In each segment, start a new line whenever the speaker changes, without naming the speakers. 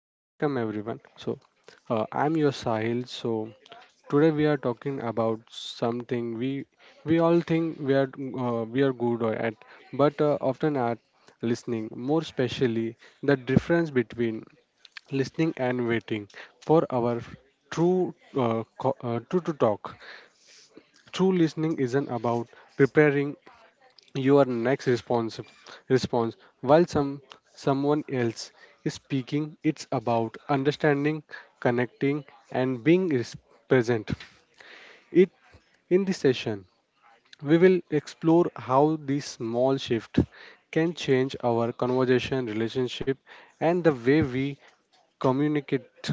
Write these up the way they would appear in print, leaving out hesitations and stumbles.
welcome everyone. So, I'm your Sahil. So, today we are talking about something we all think we are we are good at, but often are listening. More especially, the difference between listening and waiting for our true true to talk. True listening isn't about preparing your next response while someone else is speaking. It's about understanding, connecting, and being present it. In this session we will explore how this small shift can change our conversation, relationship, and the way we communicate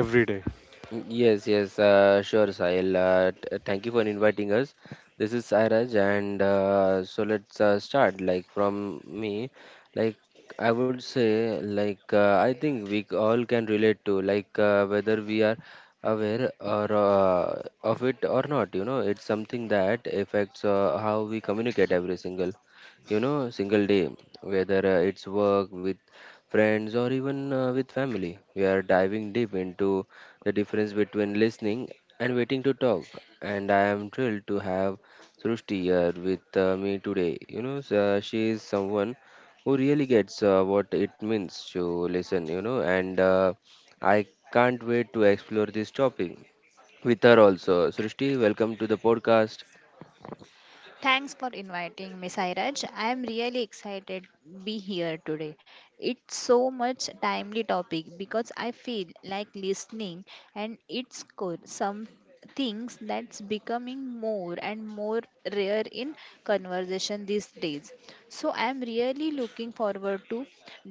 every day.
Yes, yes, sure, Sahil. Thank you for inviting us. This is Sairaj, and so let's start. Like from me, like I would say, I think we all can relate to, whether we are aware or of it or not. You know, it's something that affects how we communicate every single you know single day, whether it's work with friends or even with family. We are diving deep into the difference between listening and waiting to talk. And I am thrilled to have Srushti here with me today. You know, she is someone who really gets what it means to listen, you know, and I can't wait to explore this topic with her also. Srushti, welcome to the podcast.
Thanks for inviting me, Sairaj. I am really excited to be here today. It's so much timely topic because I feel like listening and it's core some things that's becoming more and more rare in conversation these days. So I am really looking forward to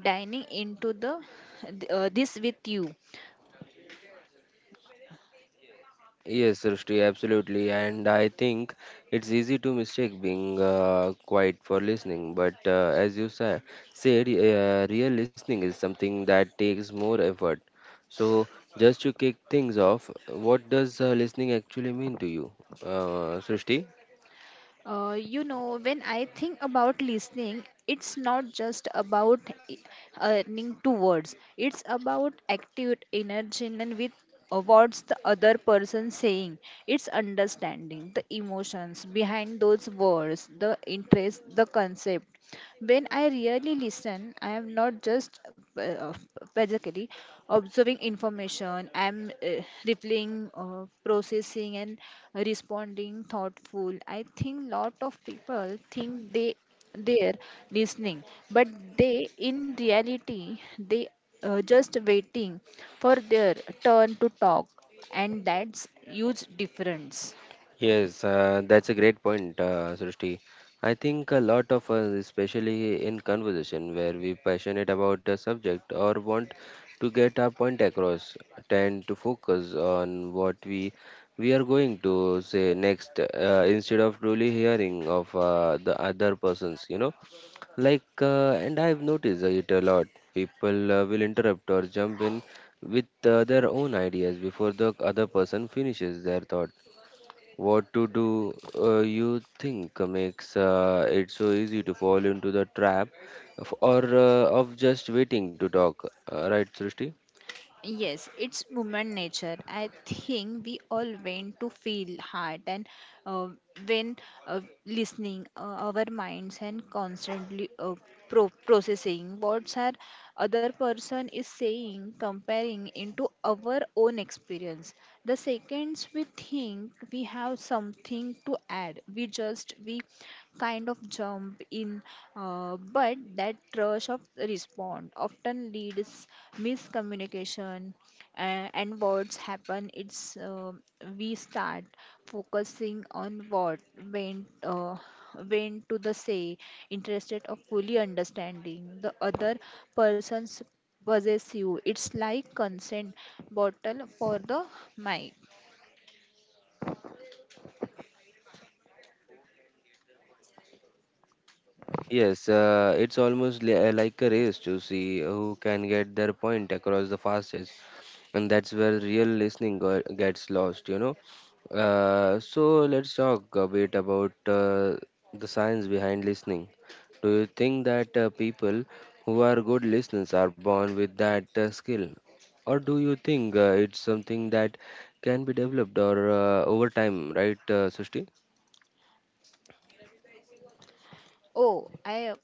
dining into the this with you.
Yes, Srishti, absolutely. And I think it's easy to mistake being quiet for listening. But as you said, real listening is something that takes more effort. So, just to kick things off, what does listening actually mean to you, Srishti?
When I think about listening, it's not just about earning two words. It's about active energy and with what's the other person saying. It's understanding the emotions behind those words, the interest, the concept, when I really listen, I am not just uh, basically observing information, I am replying, processing, and responding thoughtful. I think lot of people think they're listening, but they in reality they just waiting for their turn to talk, and that's huge difference.
Yes, that's a great point, Srishti. I think a lot of us, especially in conversation where we passionate about a subject or want to get our point across, tend to focus on what we are going to say next instead of truly hearing of the other persons. You know, and I've noticed it a lot. People will interrupt or jump in with their own ideas before the other person finishes their thought. What to do you think makes it so easy to fall into the trap of just waiting to talk, right, Srishti?
Yes, it's woman nature. I think we all went to feel hard and uh, when listening, our minds and constantly processing what our other person is saying, comparing into our own experience. The seconds we think we have something to add, we kind of jump in but that rush of response often leads miscommunication and what's happen it's we start focusing on what went uh, went to the say interested of fully understanding the other person's possessive it's like consent bottle for the mic.
Yes, it's almost like a race to see who can get their point across the fastest, and that's where real listening gets lost, you know. So let's talk a bit about the science behind listening. Do you think that people who are good listeners are born with that skill, or do you think it's something that can be developed or over time, right, Srishti?
Oh I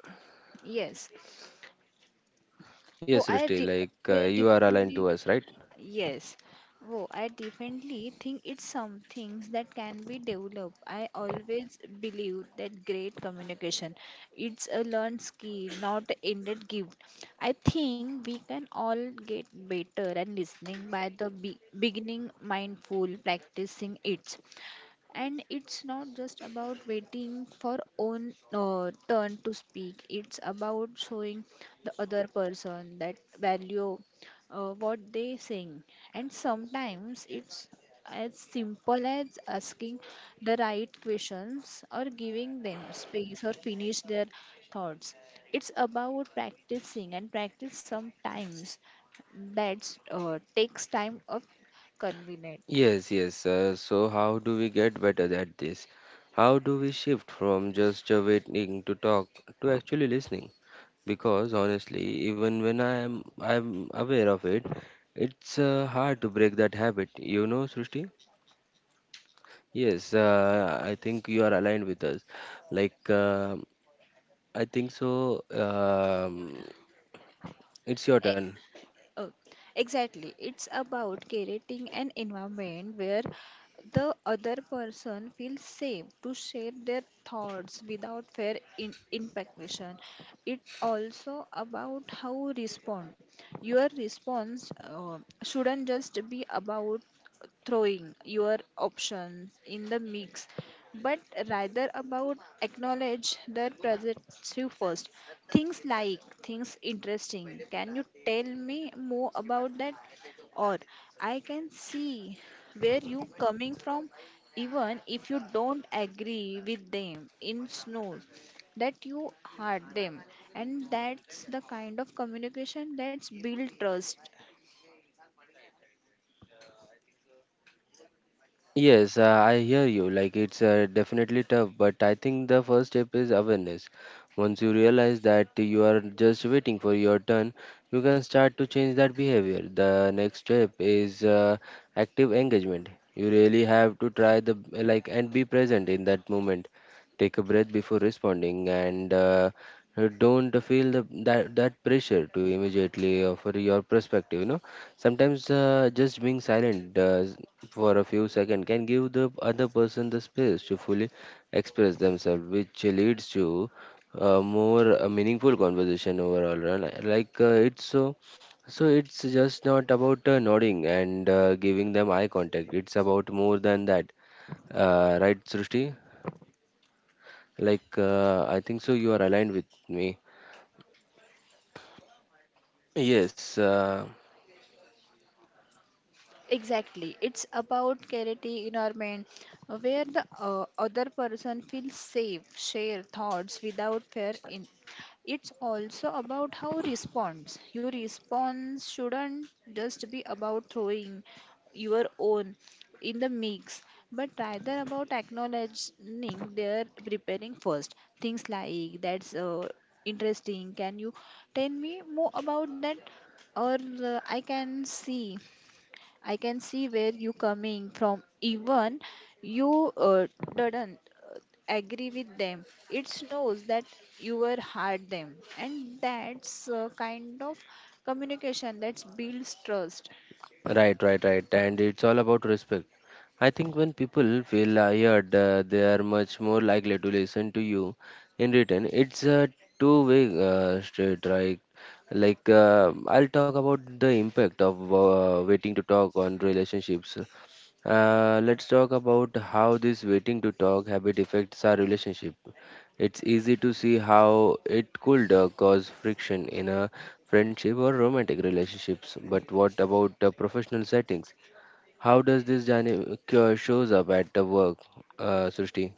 Yes. oh
Yes,
i
Srishti,
re-
like
yeah,
you are aligned
definitely.
to us, right?
Yes. Oh, I definitely think it's some things that can be developed. I always believe that great communication it's a learned skill, not an innate gift. I think we can all get better at listening by the beginning mindful practicing it, and it's not just about waiting for own turn to speak. It's about showing the other person that value what they saying, and sometimes it's as simple as asking the right questions or giving them space or finish their thoughts. It's about practicing and practice sometimes that takes time of convenient.
Yes, yes. So, how do we get better at this? How do we shift from just waiting to talk to actually listening? Because honestly, even when I'm aware of it, it's hard to break that habit. You know, Srishti? Yes, I think you are aligned with us. Like, um I think so. It's your turn.
Oh, exactly. It's about creating an environment where the other person feels safe to share their thoughts without fear in implication. It also about how respond. Your response shouldn't just be about throwing your options in the mix, but rather about acknowledge their presence you first. Things like things interesting, can you tell me more about that, or I can see where you coming from, even if you don't agree with them, in snow that you heard them. And that's the kind of communication that's build trust.
Yes, I hear you. Like it's definitely tough, but I think the first step is awareness. Once you realize that you are just waiting for your turn, you can start to change that behavior. The next step is active engagement. You really have to try the like and be present in that moment. Take a breath before responding and don't feel the, that that pressure to immediately offer your perspective. You know. Sometimes just being silent for a few seconds can give the other person the space to fully express themselves, which leads to more meaningful conversation overall, right? It's it's just not about nodding and giving them eye contact. It's about more than that, right, Srushti? Like I think so. You are aligned with me. Yes.
Exactly. It's about creating environment where the other person feels safe, share thoughts without fear. In it's also about how response. Your response shouldn't just be about throwing your own in the mix, but rather about acknowledging their preparing first. Things like that's interesting. Can you tell me more about that? Or I can see where you coming from. Even you didn't uh, agree with them. It knows that you were hard them, and that's kind of communication that builds trust.
Right, right, right. And it's all about respect. I think when people feel heard, they are much more likely to listen to you in return. It's a two-way street, right? Like I'll talk about the impact of waiting to talk on relationships. Let's talk about how this waiting to talk habit affects our relationship. It's easy to see how it could cause friction in a friendship or romantic relationships. But what about professional settings? How does this dynamic shows up at the work, Srishti?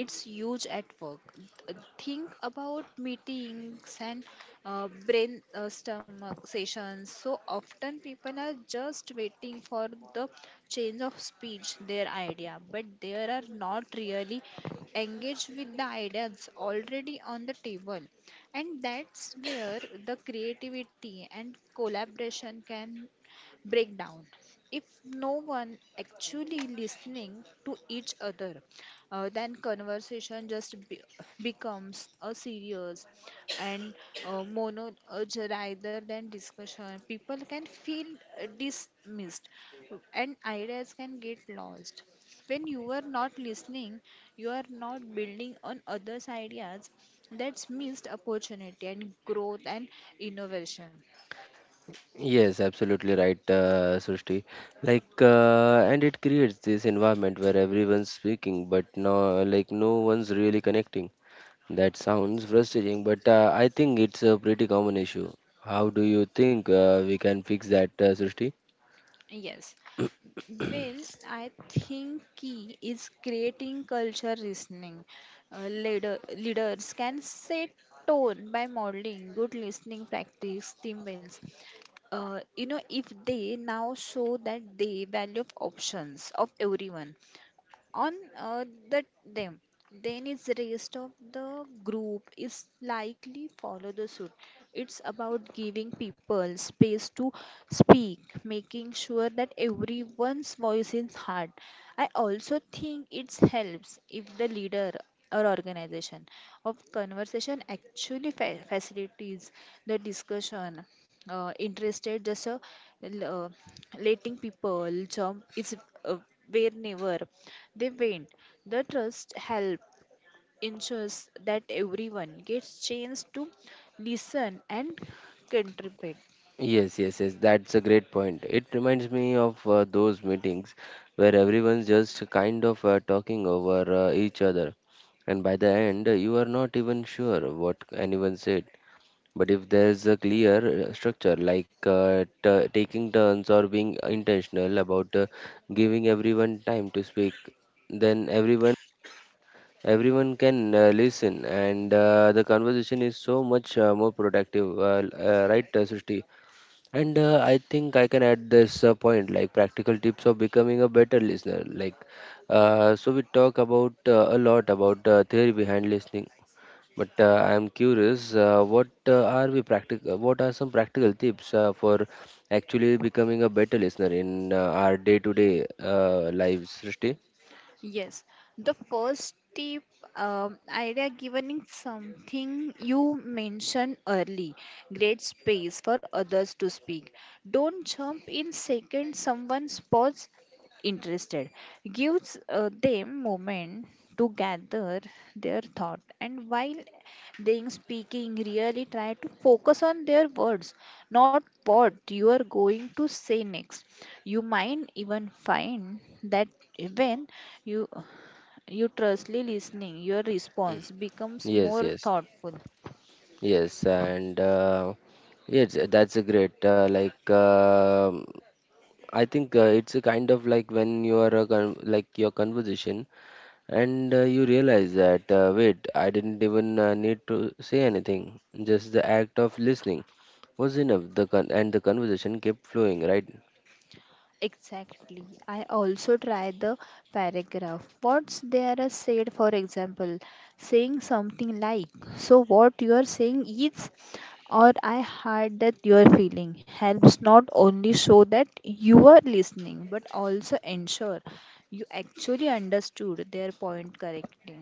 It's huge at work. Think about meetings and brain sessions. So often people are just waiting for the change of speech their idea, but they are not really engaged with the ideas already on the table, and that's where the creativity and collaboration can breakdown. If no one actually listening to each other, then conversation just becomes a serious and monologue rather than discussion. People can feel dismissed and ideas can get lost. When you are not listening, you are not building on others ideas. That's missed opportunity and growth and innovation.
Yes, absolutely right, Srishti. Like, and it creates this environment where everyone's speaking, but no, like, no one's really connecting. That sounds frustrating, but I think it's a pretty common issue. How do you think we can fix that, Srishti?
Yes. Well, I think key is creating culture listening. Leaders can set tone by modeling good listening practice, team wins. You know, if they now show that they value options of everyone, on the them, then is rest of the group is likely follow the suit. It's about giving people space to speak, making sure that everyone's voice is heard. I also think it helps if the leader or organization of conversation actually facilitates the discussion, interested just l- uh, letting people jump is uh, whenever they went. The trust help ensures that everyone gets chance to listen and contribute.
Yes, yes, yes, that's a great point. It reminds me of those meetings where everyone's just kind of talking over each other, and by the end, you are not even sure what anyone said. But if there's a clear structure, like taking turns or being intentional about giving everyone time to speak, then everyone can listen, and the conversation is so much more productive, right, Srishti? And I think I can add this point, like practical tips of becoming a better listener. Like, so we talk about a lot about theory behind listening, but I am curious, what are we practical? What are some practical tips for actually becoming a better listener in our day-to-day lives, Srishti?
Yes, the first tip idea given is something you mentioned early. Great space for others to speak. Don't jump in second someone spots interested. Gives them moment to gather their thought, and while they are speaking really try to focus on their words, not what you are going to say next. You might even find that even you you trustly listening, your response becomes
Yes,
more
yes,
thoughtful.
yes, and yes, that's a great I think it's a kind of like when you are a con like your conversation and you realize that wait, I didn't even need to say anything. Just the act of listening was enough. The conversation kept flowing, right?
Exactly. I also try the paragraph. What's there are said, for example, saying something like, so what you are saying is, or I heard that you are feeling, helps not only show that you are listening, but also ensure you actually understood their point correctly.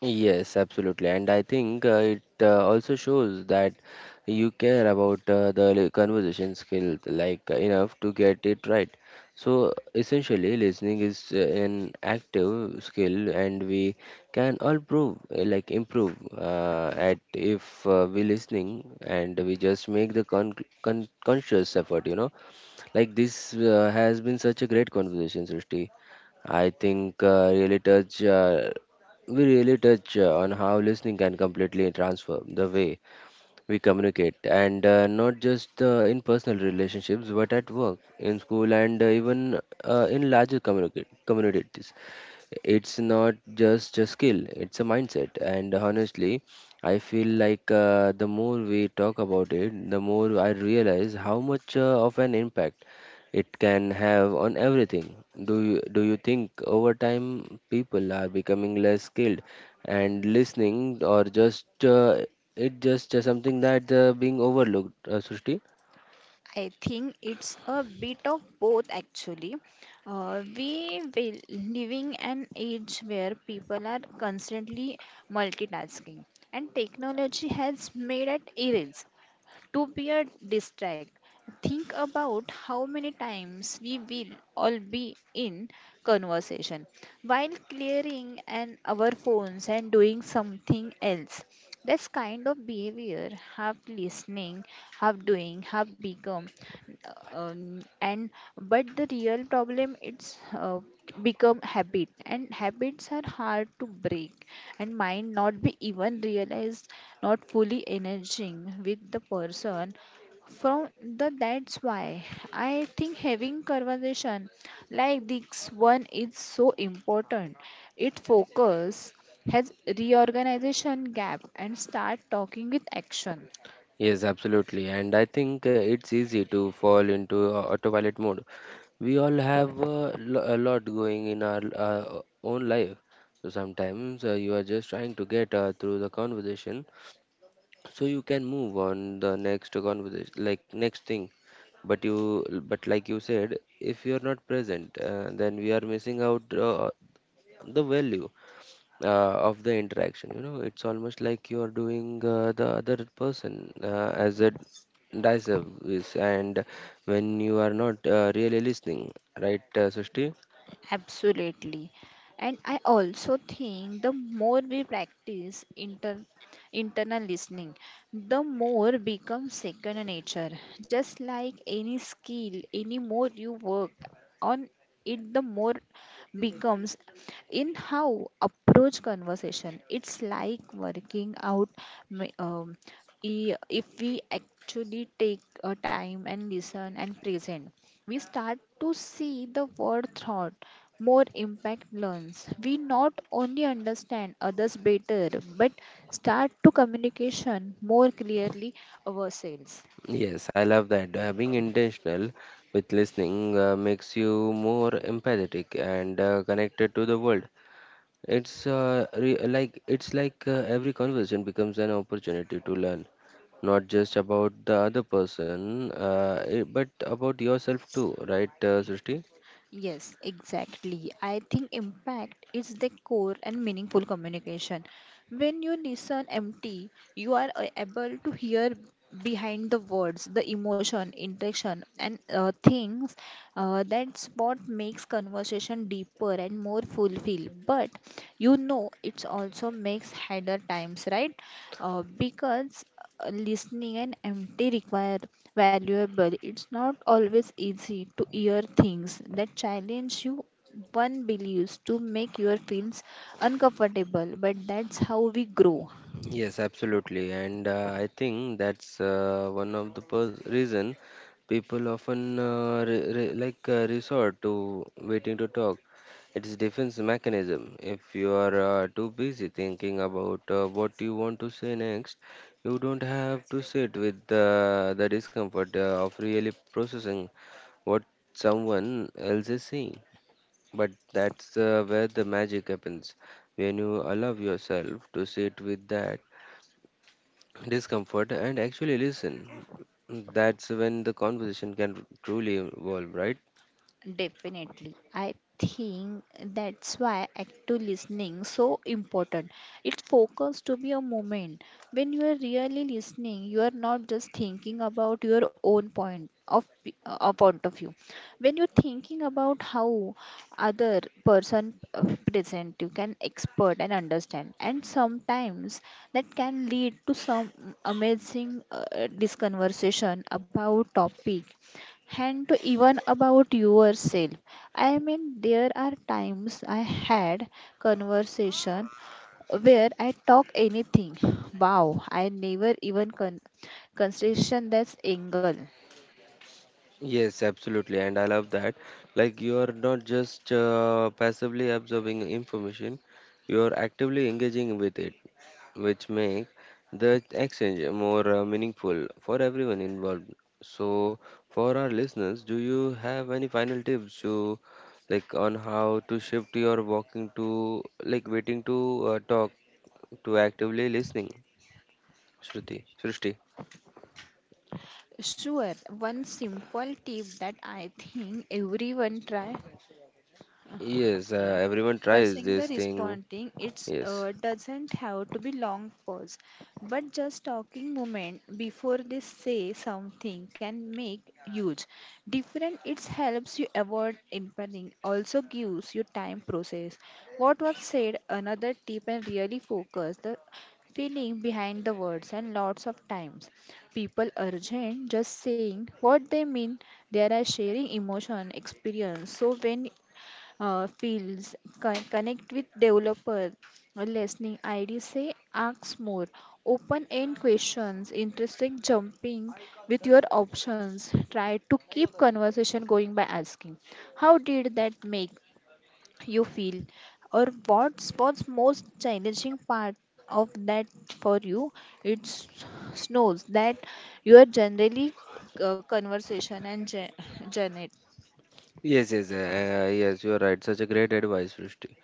Yes, absolutely. And I think it also shows that you care about the conversation skill like enough to get it right. So essentially, listening is an active skill, and we can all prove like improve at if we listening, and we just make the conscious effort, you know. Like this has been such a great conversation, Srishti. I think really touch we really touch on how listening can completely transform the way we communicate, and not just in personal relationships, but at work, in school, and even in larger communicate communities. It's not just a skill, it's a mindset, and honestly, I feel like the more we talk about it, the more I realize how much of an impact it can have on everything. Do you think over time people are becoming less skilled and listening, or just it just something that being overlooked, Srishti?
I think it's a bit of both actually. We will living an age where people are constantly multitasking, and technology has made it easy to be a distract. Think about how many times we will all be in conversation while clearing and our phones and doing something else. This kind of behavior, half listening, half doing, half become um, and but the real problem it's uh, become habit, and habits are hard to break, and might not be even realized not fully energizing with the person from the. That's why I think having conversation like this one is so important. It focus has reorganization gap and start talking with action.
Yes, absolutely. And I think it's easy to fall into autopilot mode. We all have a lot going in our own life. So sometimes you are just trying to get through the conversation so you can move on the next conversation, like next thing. But you, but like you said, if you are not present, then we are missing out the value of the interaction. You know, it's almost like you are doing the other person as a dice service, and when you are not really listening, right, Srishti?
Absolutely. And I also think the more we practice internal listening, the more becomes second nature. Just like any skill, any more you work on it, the more becomes in how approach conversation. It's like working out. ma- Um, if we actually take a time and listen and present, we start to see the word thought more impact learns. We not only understand others better, but start to communication more clearly ourselves.
Yes, I love that. Being intentional with listening makes you more empathetic and connected to the world. It's like every conversation becomes an opportunity to learn, not just about the other person, but about yourself too, right, Srishti?
Yes, exactly. I think impact is the core and meaningful communication. When you listen empty, you are able to hear behind the words, the emotion, intention, and things. That's what makes conversation deeper and more fulfilled. But you know, it also makes harder times, right? Because listening and empty require valuable. It's not always easy to hear things that challenge you one believes to make your feelings uncomfortable, but that's how we grow.
Yes, absolutely, and I think that's one of the reason people often resort to waiting to talk. It's defense mechanism. If you are too busy thinking about what you want to say next, you don't have to sit with the discomfort of really processing what someone else is saying. But that's where the magic happens, when you allow yourself to sit with that discomfort and actually listen. That's when the conversation can truly evolve, right?
Definitely. I think that's why active listening so important. It's focused to be a moment. When you are really listening, you are not just thinking about your own point of view. When you're thinking about how other person present, you can expert and understand, and sometimes that can lead to some amazing disconversation about topic and even about yourself. I mean, there are times I had conversation where I talk anything. Wow, I never even consideration that's angle.
Yes, absolutely. And I love that. Like, you are not just passively absorbing information, you are actively engaging with it, which make the exchange more meaningful for everyone involved. So, for our listeners, do you have any final tips to like on how to shift your walking to like waiting to talk to actively listening, Shruti, Srishti.
Sure, one simple tip that I think everyone try.
Yes,
Uh,
everyone tries
Parsing
this
the
thing.
responding, it
Yes,
uh, doesn't have to be long pause, but just talking moment before they say something can make huge difference. It helps you avoid impending, also gives you time process. What was said, another tip, and really focus the feeling behind the words, and lots of times people urgent just saying what they mean, they are sharing emotion experience. So when fields, connect with developer, listening ID say ask more, open end questions, interesting jumping with your options. Try to keep conversation going by asking, how did that make you feel, or what's most challenging part of that for you? It snows that you are generally conversation and gen-
yes, yes, yes. You are right. Such a great advice, Srishti.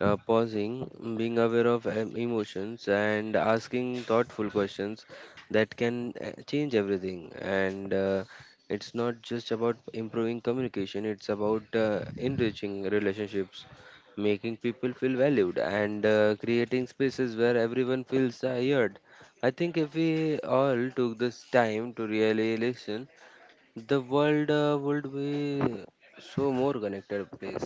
Pausing, mm, being aware of emotions, and asking thoughtful questions that can change everything. And it's not just about improving communication, it's about enriching relationships, making people feel valued, and creating spaces where everyone feels heard. I think if we all took this time to really listen, the world would be so more connected place.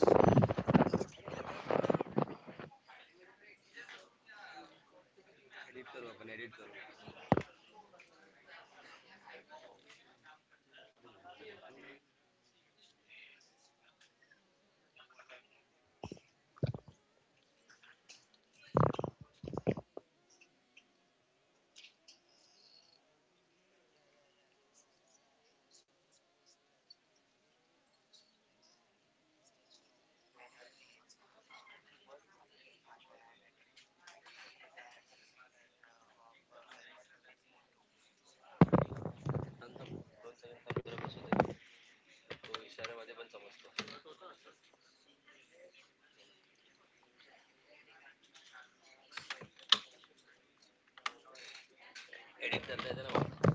तो इशाऱ्यामध्ये पण समजतो edit करता येते ना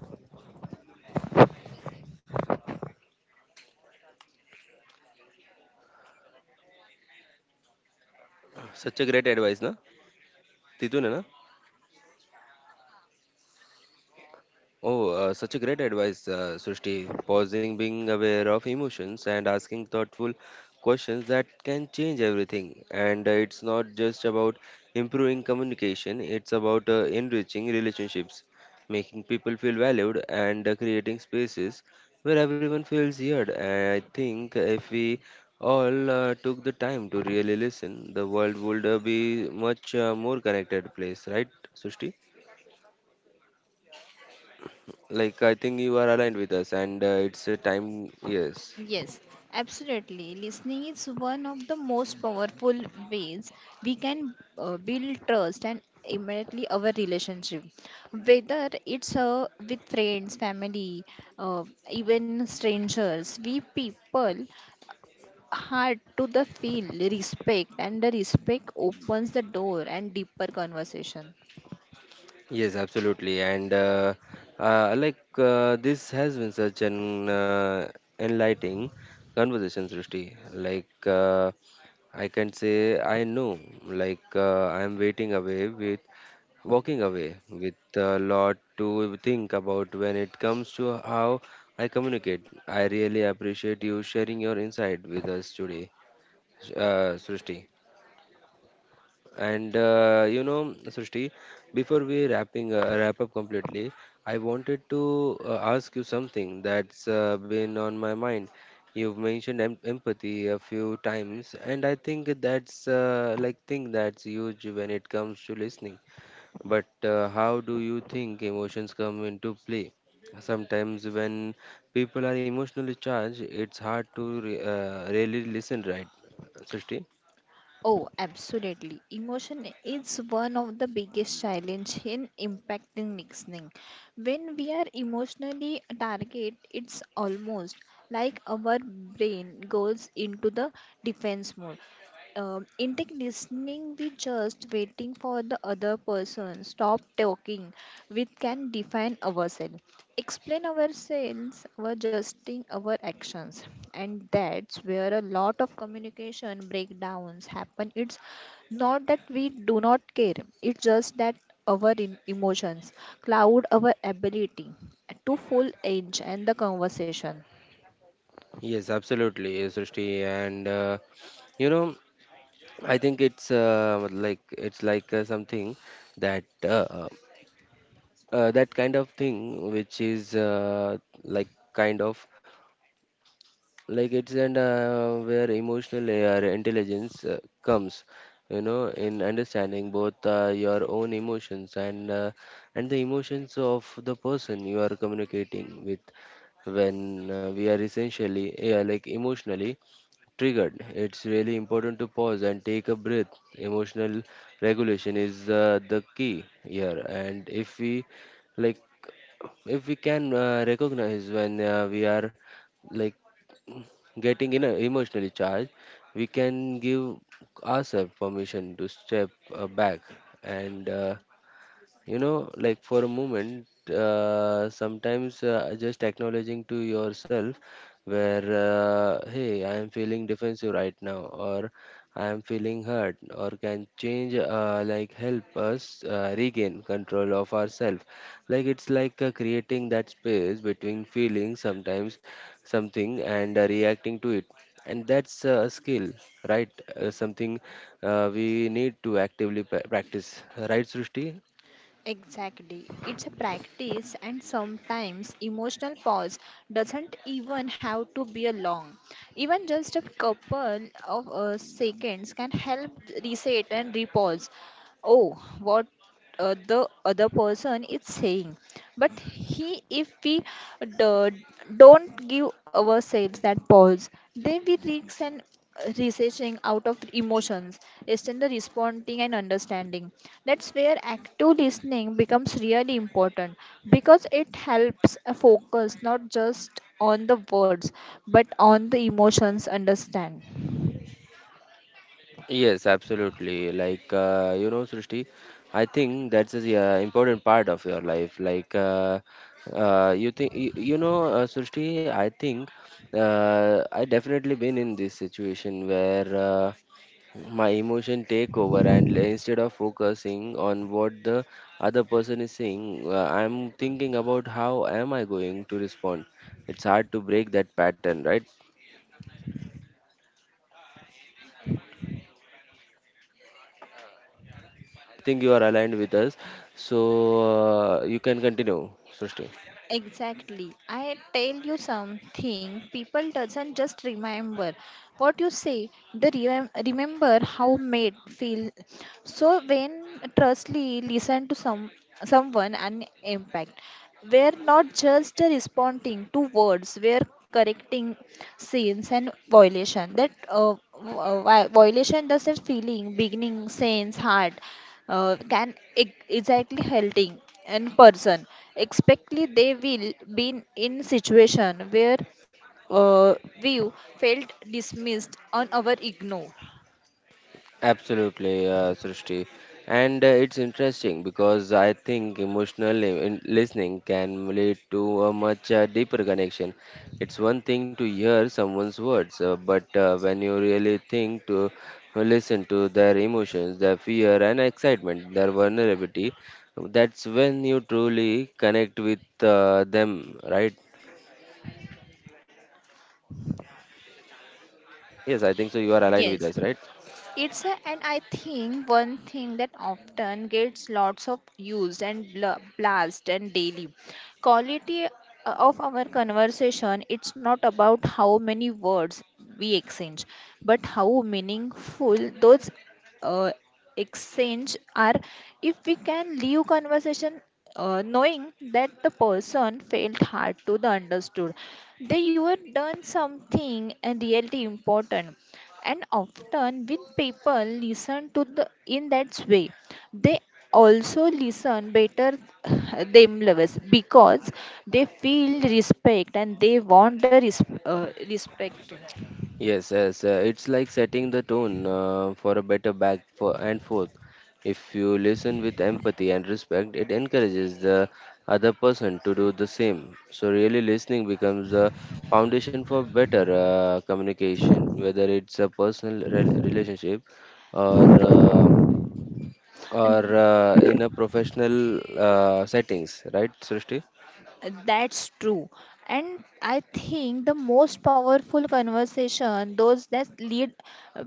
सच a great advice ना तिथून आहे ना. Oh, Such a great advice, Srishti. Pausing, being aware of emotions, and asking thoughtful questions that can change everything. And it's not just about improving communication, it's about enriching relationships, making people feel valued, and creating spaces where everyone feels heard. And I think if we all took the time to really listen, the world would be much more connected place, right, Srishti? Like, I think you are aligned with us, and it's a time. Yes,
Yes, absolutely. Listening is one of the most powerful ways we can build trust and immediately our relationship. Whether it's with friends, family, uh, even strangers, we people hard to the feel respect, and the respect opens the door and deeper conversation.
yes, absolutely. And this has been such an enlightening conversation, Srishti. Like, I can say, I know, I am waiting away with walking away with a lot to think about when it comes to how I communicate. I really appreciate you sharing your insight with us today, Srishti. And you know, Srishti, before we wrap up completely, I wanted to ask you something that's been on my mind. You've mentioned empathy a few times, and I think that's like thing that's huge when it comes to listening. But how do you think emotions come into play? Sometimes when people are emotionally charged, it's hard to re really listen, right, Srishti?
Oh, absolutely. Emotion is one of the biggest challenge in impacting listening. When we are emotionally target, it's almost like our brain goes into the defense mode. Intake listening, we just waiting for the other person. Stop talking. We can define ourselves, explain ourselves, our adjusting our actions, and that's where a lot of communication breakdowns happen. It's not that we do not care; it's just that our emotions cloud our ability to full edge and the conversation.
Yes, absolutely, yes, Srishti. And you know, I think it's like it's like something that uh, that kind of thing which is like kind of like it's and where emotional intelligence comes, you know, in understanding both your own emotions, and the emotions of the person you are communicating with. When we are essentially, yeah, like emotionally triggered, it's really important to pause and take a breath. Emotional regulation is the key here, and like, if we can recognize when we are like getting in a emotionally charged, we can give ourselves permission to step back, and for a moment sometimes just acknowledging to yourself where, hey, I am feeling defensive right now, or I am feeling hurt, or can change, help us regain control of ourselves. Like it's like Creating that space between feeling sometimes something and reacting to it, and that's a skill, right? Something we need to actively practice, right, Srishti?
Exactly. It's a practice, and sometimes emotional pause doesn't even have to be a long. Even just a couple of seconds can help reset and repause. Oh, what the other person is saying. But he, if we d- don't give ourselves that pause, then we risk an researching out of emotions instead of responding and understanding. That's where active listening becomes really important because it helps a focus not just on the words but on the emotions understand.
Yes, absolutely. You know, Srishti, I think that's the important part of your life. You know, Srishti, I think I definitely been in this situation where my emotion take over, and instead of focusing on what the other person is saying, I'm thinking about how am I going to respond. It's hard to break that pattern, right? Think you are aligned with us. So you can continue, Srishti.
Exactly. I tell you something, people doesn't just remember what you say, they remember how made feel. So when trustly listen to someone and impact, we're not just responding to words, we're correcting sins and violation. That violation does that feeling, beginning, sense, heart can exactly helping. In person expectly they will be in situation where uh, view felt dismissed on our ignore.
Absolutely, Srishti. And it's interesting because I think emotional listening can lead to a much deeper connection. It's one thing to hear someone's words, but when you really think to listen to their emotions, their fear and excitement, their vulnerability, that's when you truly connect with them, right? Yes, I think so. You are aligned with
Yes,
us, right?
it's a, and I think one thing that often gets lots of used and blast and daily quality of our conversation. It's not about how many words we exchange, but how meaningful those uh, exchange are. If we can leave conversation knowing that the person felt hard to the understood, they you have done something and really important. And often when people listen to the in that way, they also listen better themselves because they feel respect, and they want the respect.
Yes, yes, it's like setting the tone for a better back for and forth. If you listen with empathy and respect, it encourages the other person to do the same. So really listening becomes the foundation for better communication, whether it's a personal relationship or uh, or in a professional settings, right, Srishti?
That's true. And I think the most powerful conversation, those that lead uh,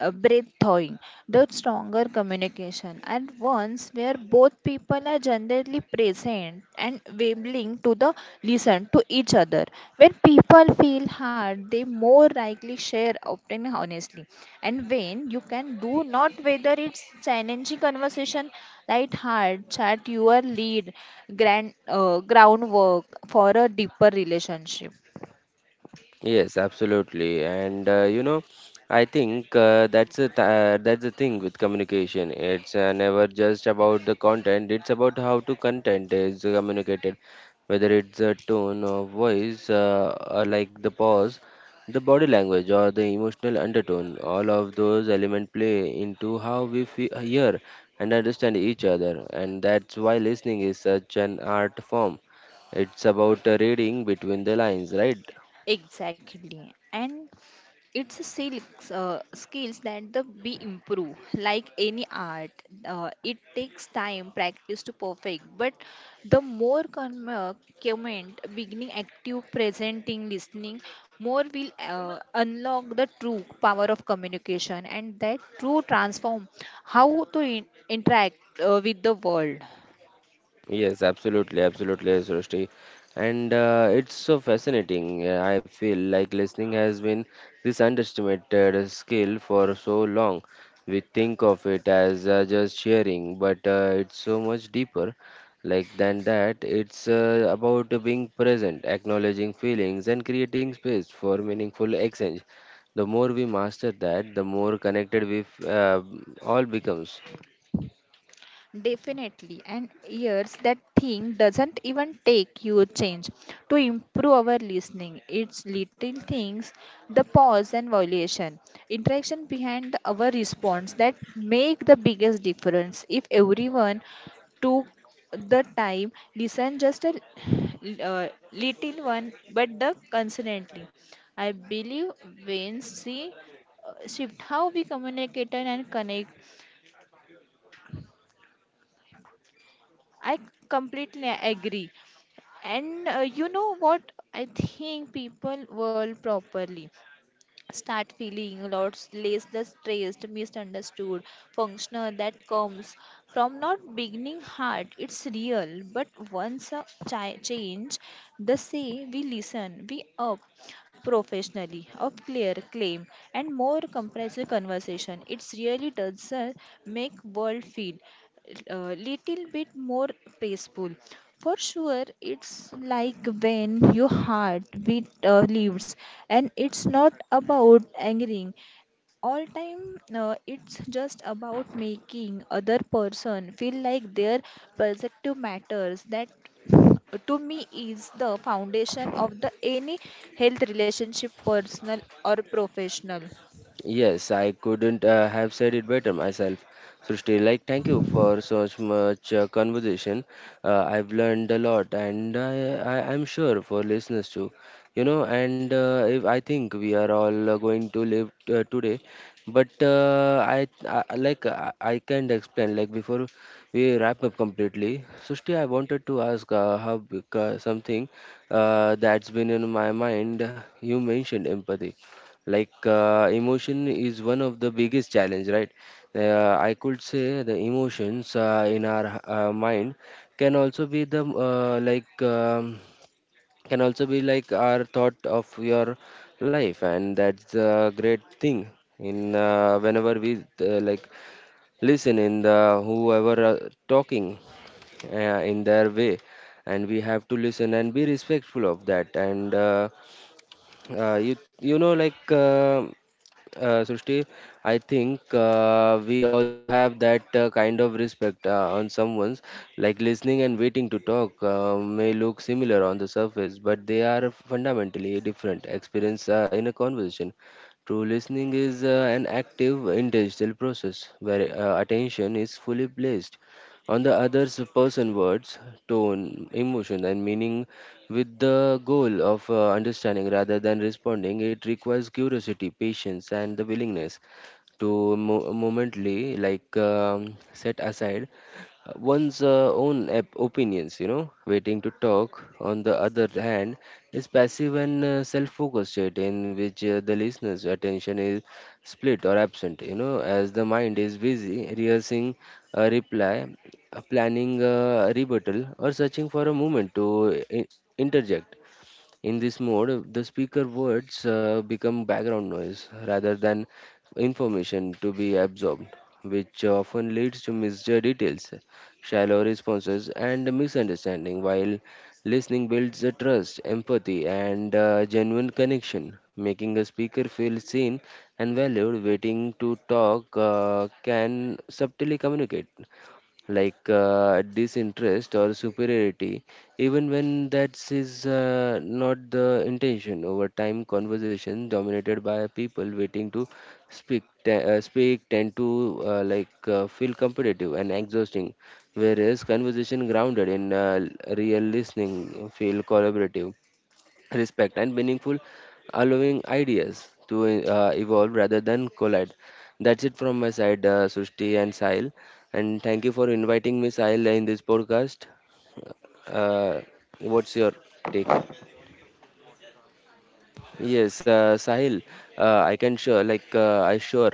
breathtaking, the stronger communication, and ones where both people are generally present and willing to the listen to each other. When people feel hard, they more likely share often honestly. And when you can do not whether it's challenging conversation, light heart, chat your lead, grand groundwork for a deeper relationship.
Yes, absolutely. And you know, I think that's a th that's the thing with communication. It's never just about the content, it's about how to content is communicated, whether it's a tone of voice, or like the pause, the body language, or the emotional undertone. All of those elements play into how we fe hear and understand each other, and that's why listening is such an art form. It's about reading between the lines, right?
Exactly. And it's a skills, skills that the be improve like any art. Uh, it takes time practice to perfect, but the more comment beginning active presenting listening, more will unlock the true power of communication, and that true transform how to interact with the world.
Yes, absolutely, absolutely, Srishti. And it's so fascinating. I feel like listening has been this underestimated skill for so long. We think of it as just sharing, but it's so much deeper. Like than that, it's about being present, acknowledging feelings, and creating space for meaningful exchange. The more we master that, the more connected we all becomes.
Definitely, and years that thing doesn't even take huge change to improve our listening. It's little things, the pause and violation, interaction behind our response that make the biggest difference. If everyone took the time, listen just a little one, but the consistently. I believe when see shift how we communicate and connect. I completely agree. And you know what? I think people will properly start feeling lots less the stressed, misunderstood, functional that comes from not beginning hard. It's real, but once a change, the say we listen, we up professionally of clear claim and more comprehensive conversation. It's really does make world feel a little bit more peaceful. For sure, it's like when your heart beat leaves, and it's not about angering all time. It's just about making other person feel like their perspective matters. That to me is the foundation of the any health relationship, personal or professional.
Yes, I couldn't have said it better myself. Srishti, like, thank you for so much conversation. I've learned a lot, and I'm sure for listeners too. You know, and if I think we are all going to live today, but I can't explain. Like before we wrap up completely, Srishti, I wanted to ask, something that's been in my mind. You mentioned empathy, emotion is one of the biggest challenge, right? I could say the emotions in our mind can also be like our thought of your life, and that's a great thing. In whenever we uh, like listen in the whoever talking uh, in their way, and we have to listen and be respectful of that. And uh, you you know like uh, Srishti, I think we also have that kind of respect on someone's, like, listening. And waiting to talk may look similar on the surface, but they are fundamentally different experience in a conversation. True listening is an active, intentional process where attention is fully placed on the other person words, tone, emotion, and meaning, with the goal of understanding rather than responding. It requires curiosity, patience, and the willingness to momently set aside one's own opinions. You know, waiting to talk, on the other hand, is passive and self-focused state in which the listener's attention is split or absent, you know, as the mind is busy rehearsing a reply, planning a rebuttal, or searching for a moment to uh, i- interject. In this mode, the speaker words become background noise rather than information to be absorbed, which often leads to misjudged details, shallow responses, and misunderstanding. While listening builds a trust, empathy, and genuine connection, making a speaker feel seen and valued, waiting to talk can subtly communicate disinterest or superiority, even when that is not the intention. Over time, conversations dominated by people waiting to speak tend to feel competitive and exhausting, whereas conversation grounded in real listening feel collaborative, respect, and meaningful, allowing ideas to evolve rather than collide. That's it from my side, Sushti and Sahil. And thank you for inviting me, Sahil, in this podcast. Uh, what's your take? Yes, Sahil, I sure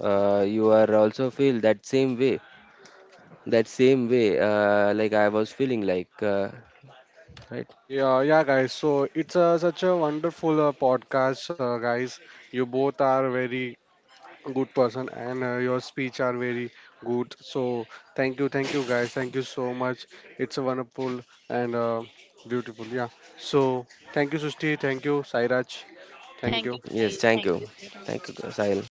you are also feel that same way, like I was feeling, like, right?
Yeah, yeah, guys. So it's such a wonderful podcast, guys. You both are very good person and your speech are very good. So thank you, thank you, guys, thank you so much. It's a wonderful and beautiful, yeah. So thank you, Sushti. Thank you, Sairaj. Thank
Thank you,
you.
guys.
Yes,
Thank
thank you.
you, Sarah.
Thank you, Sahil.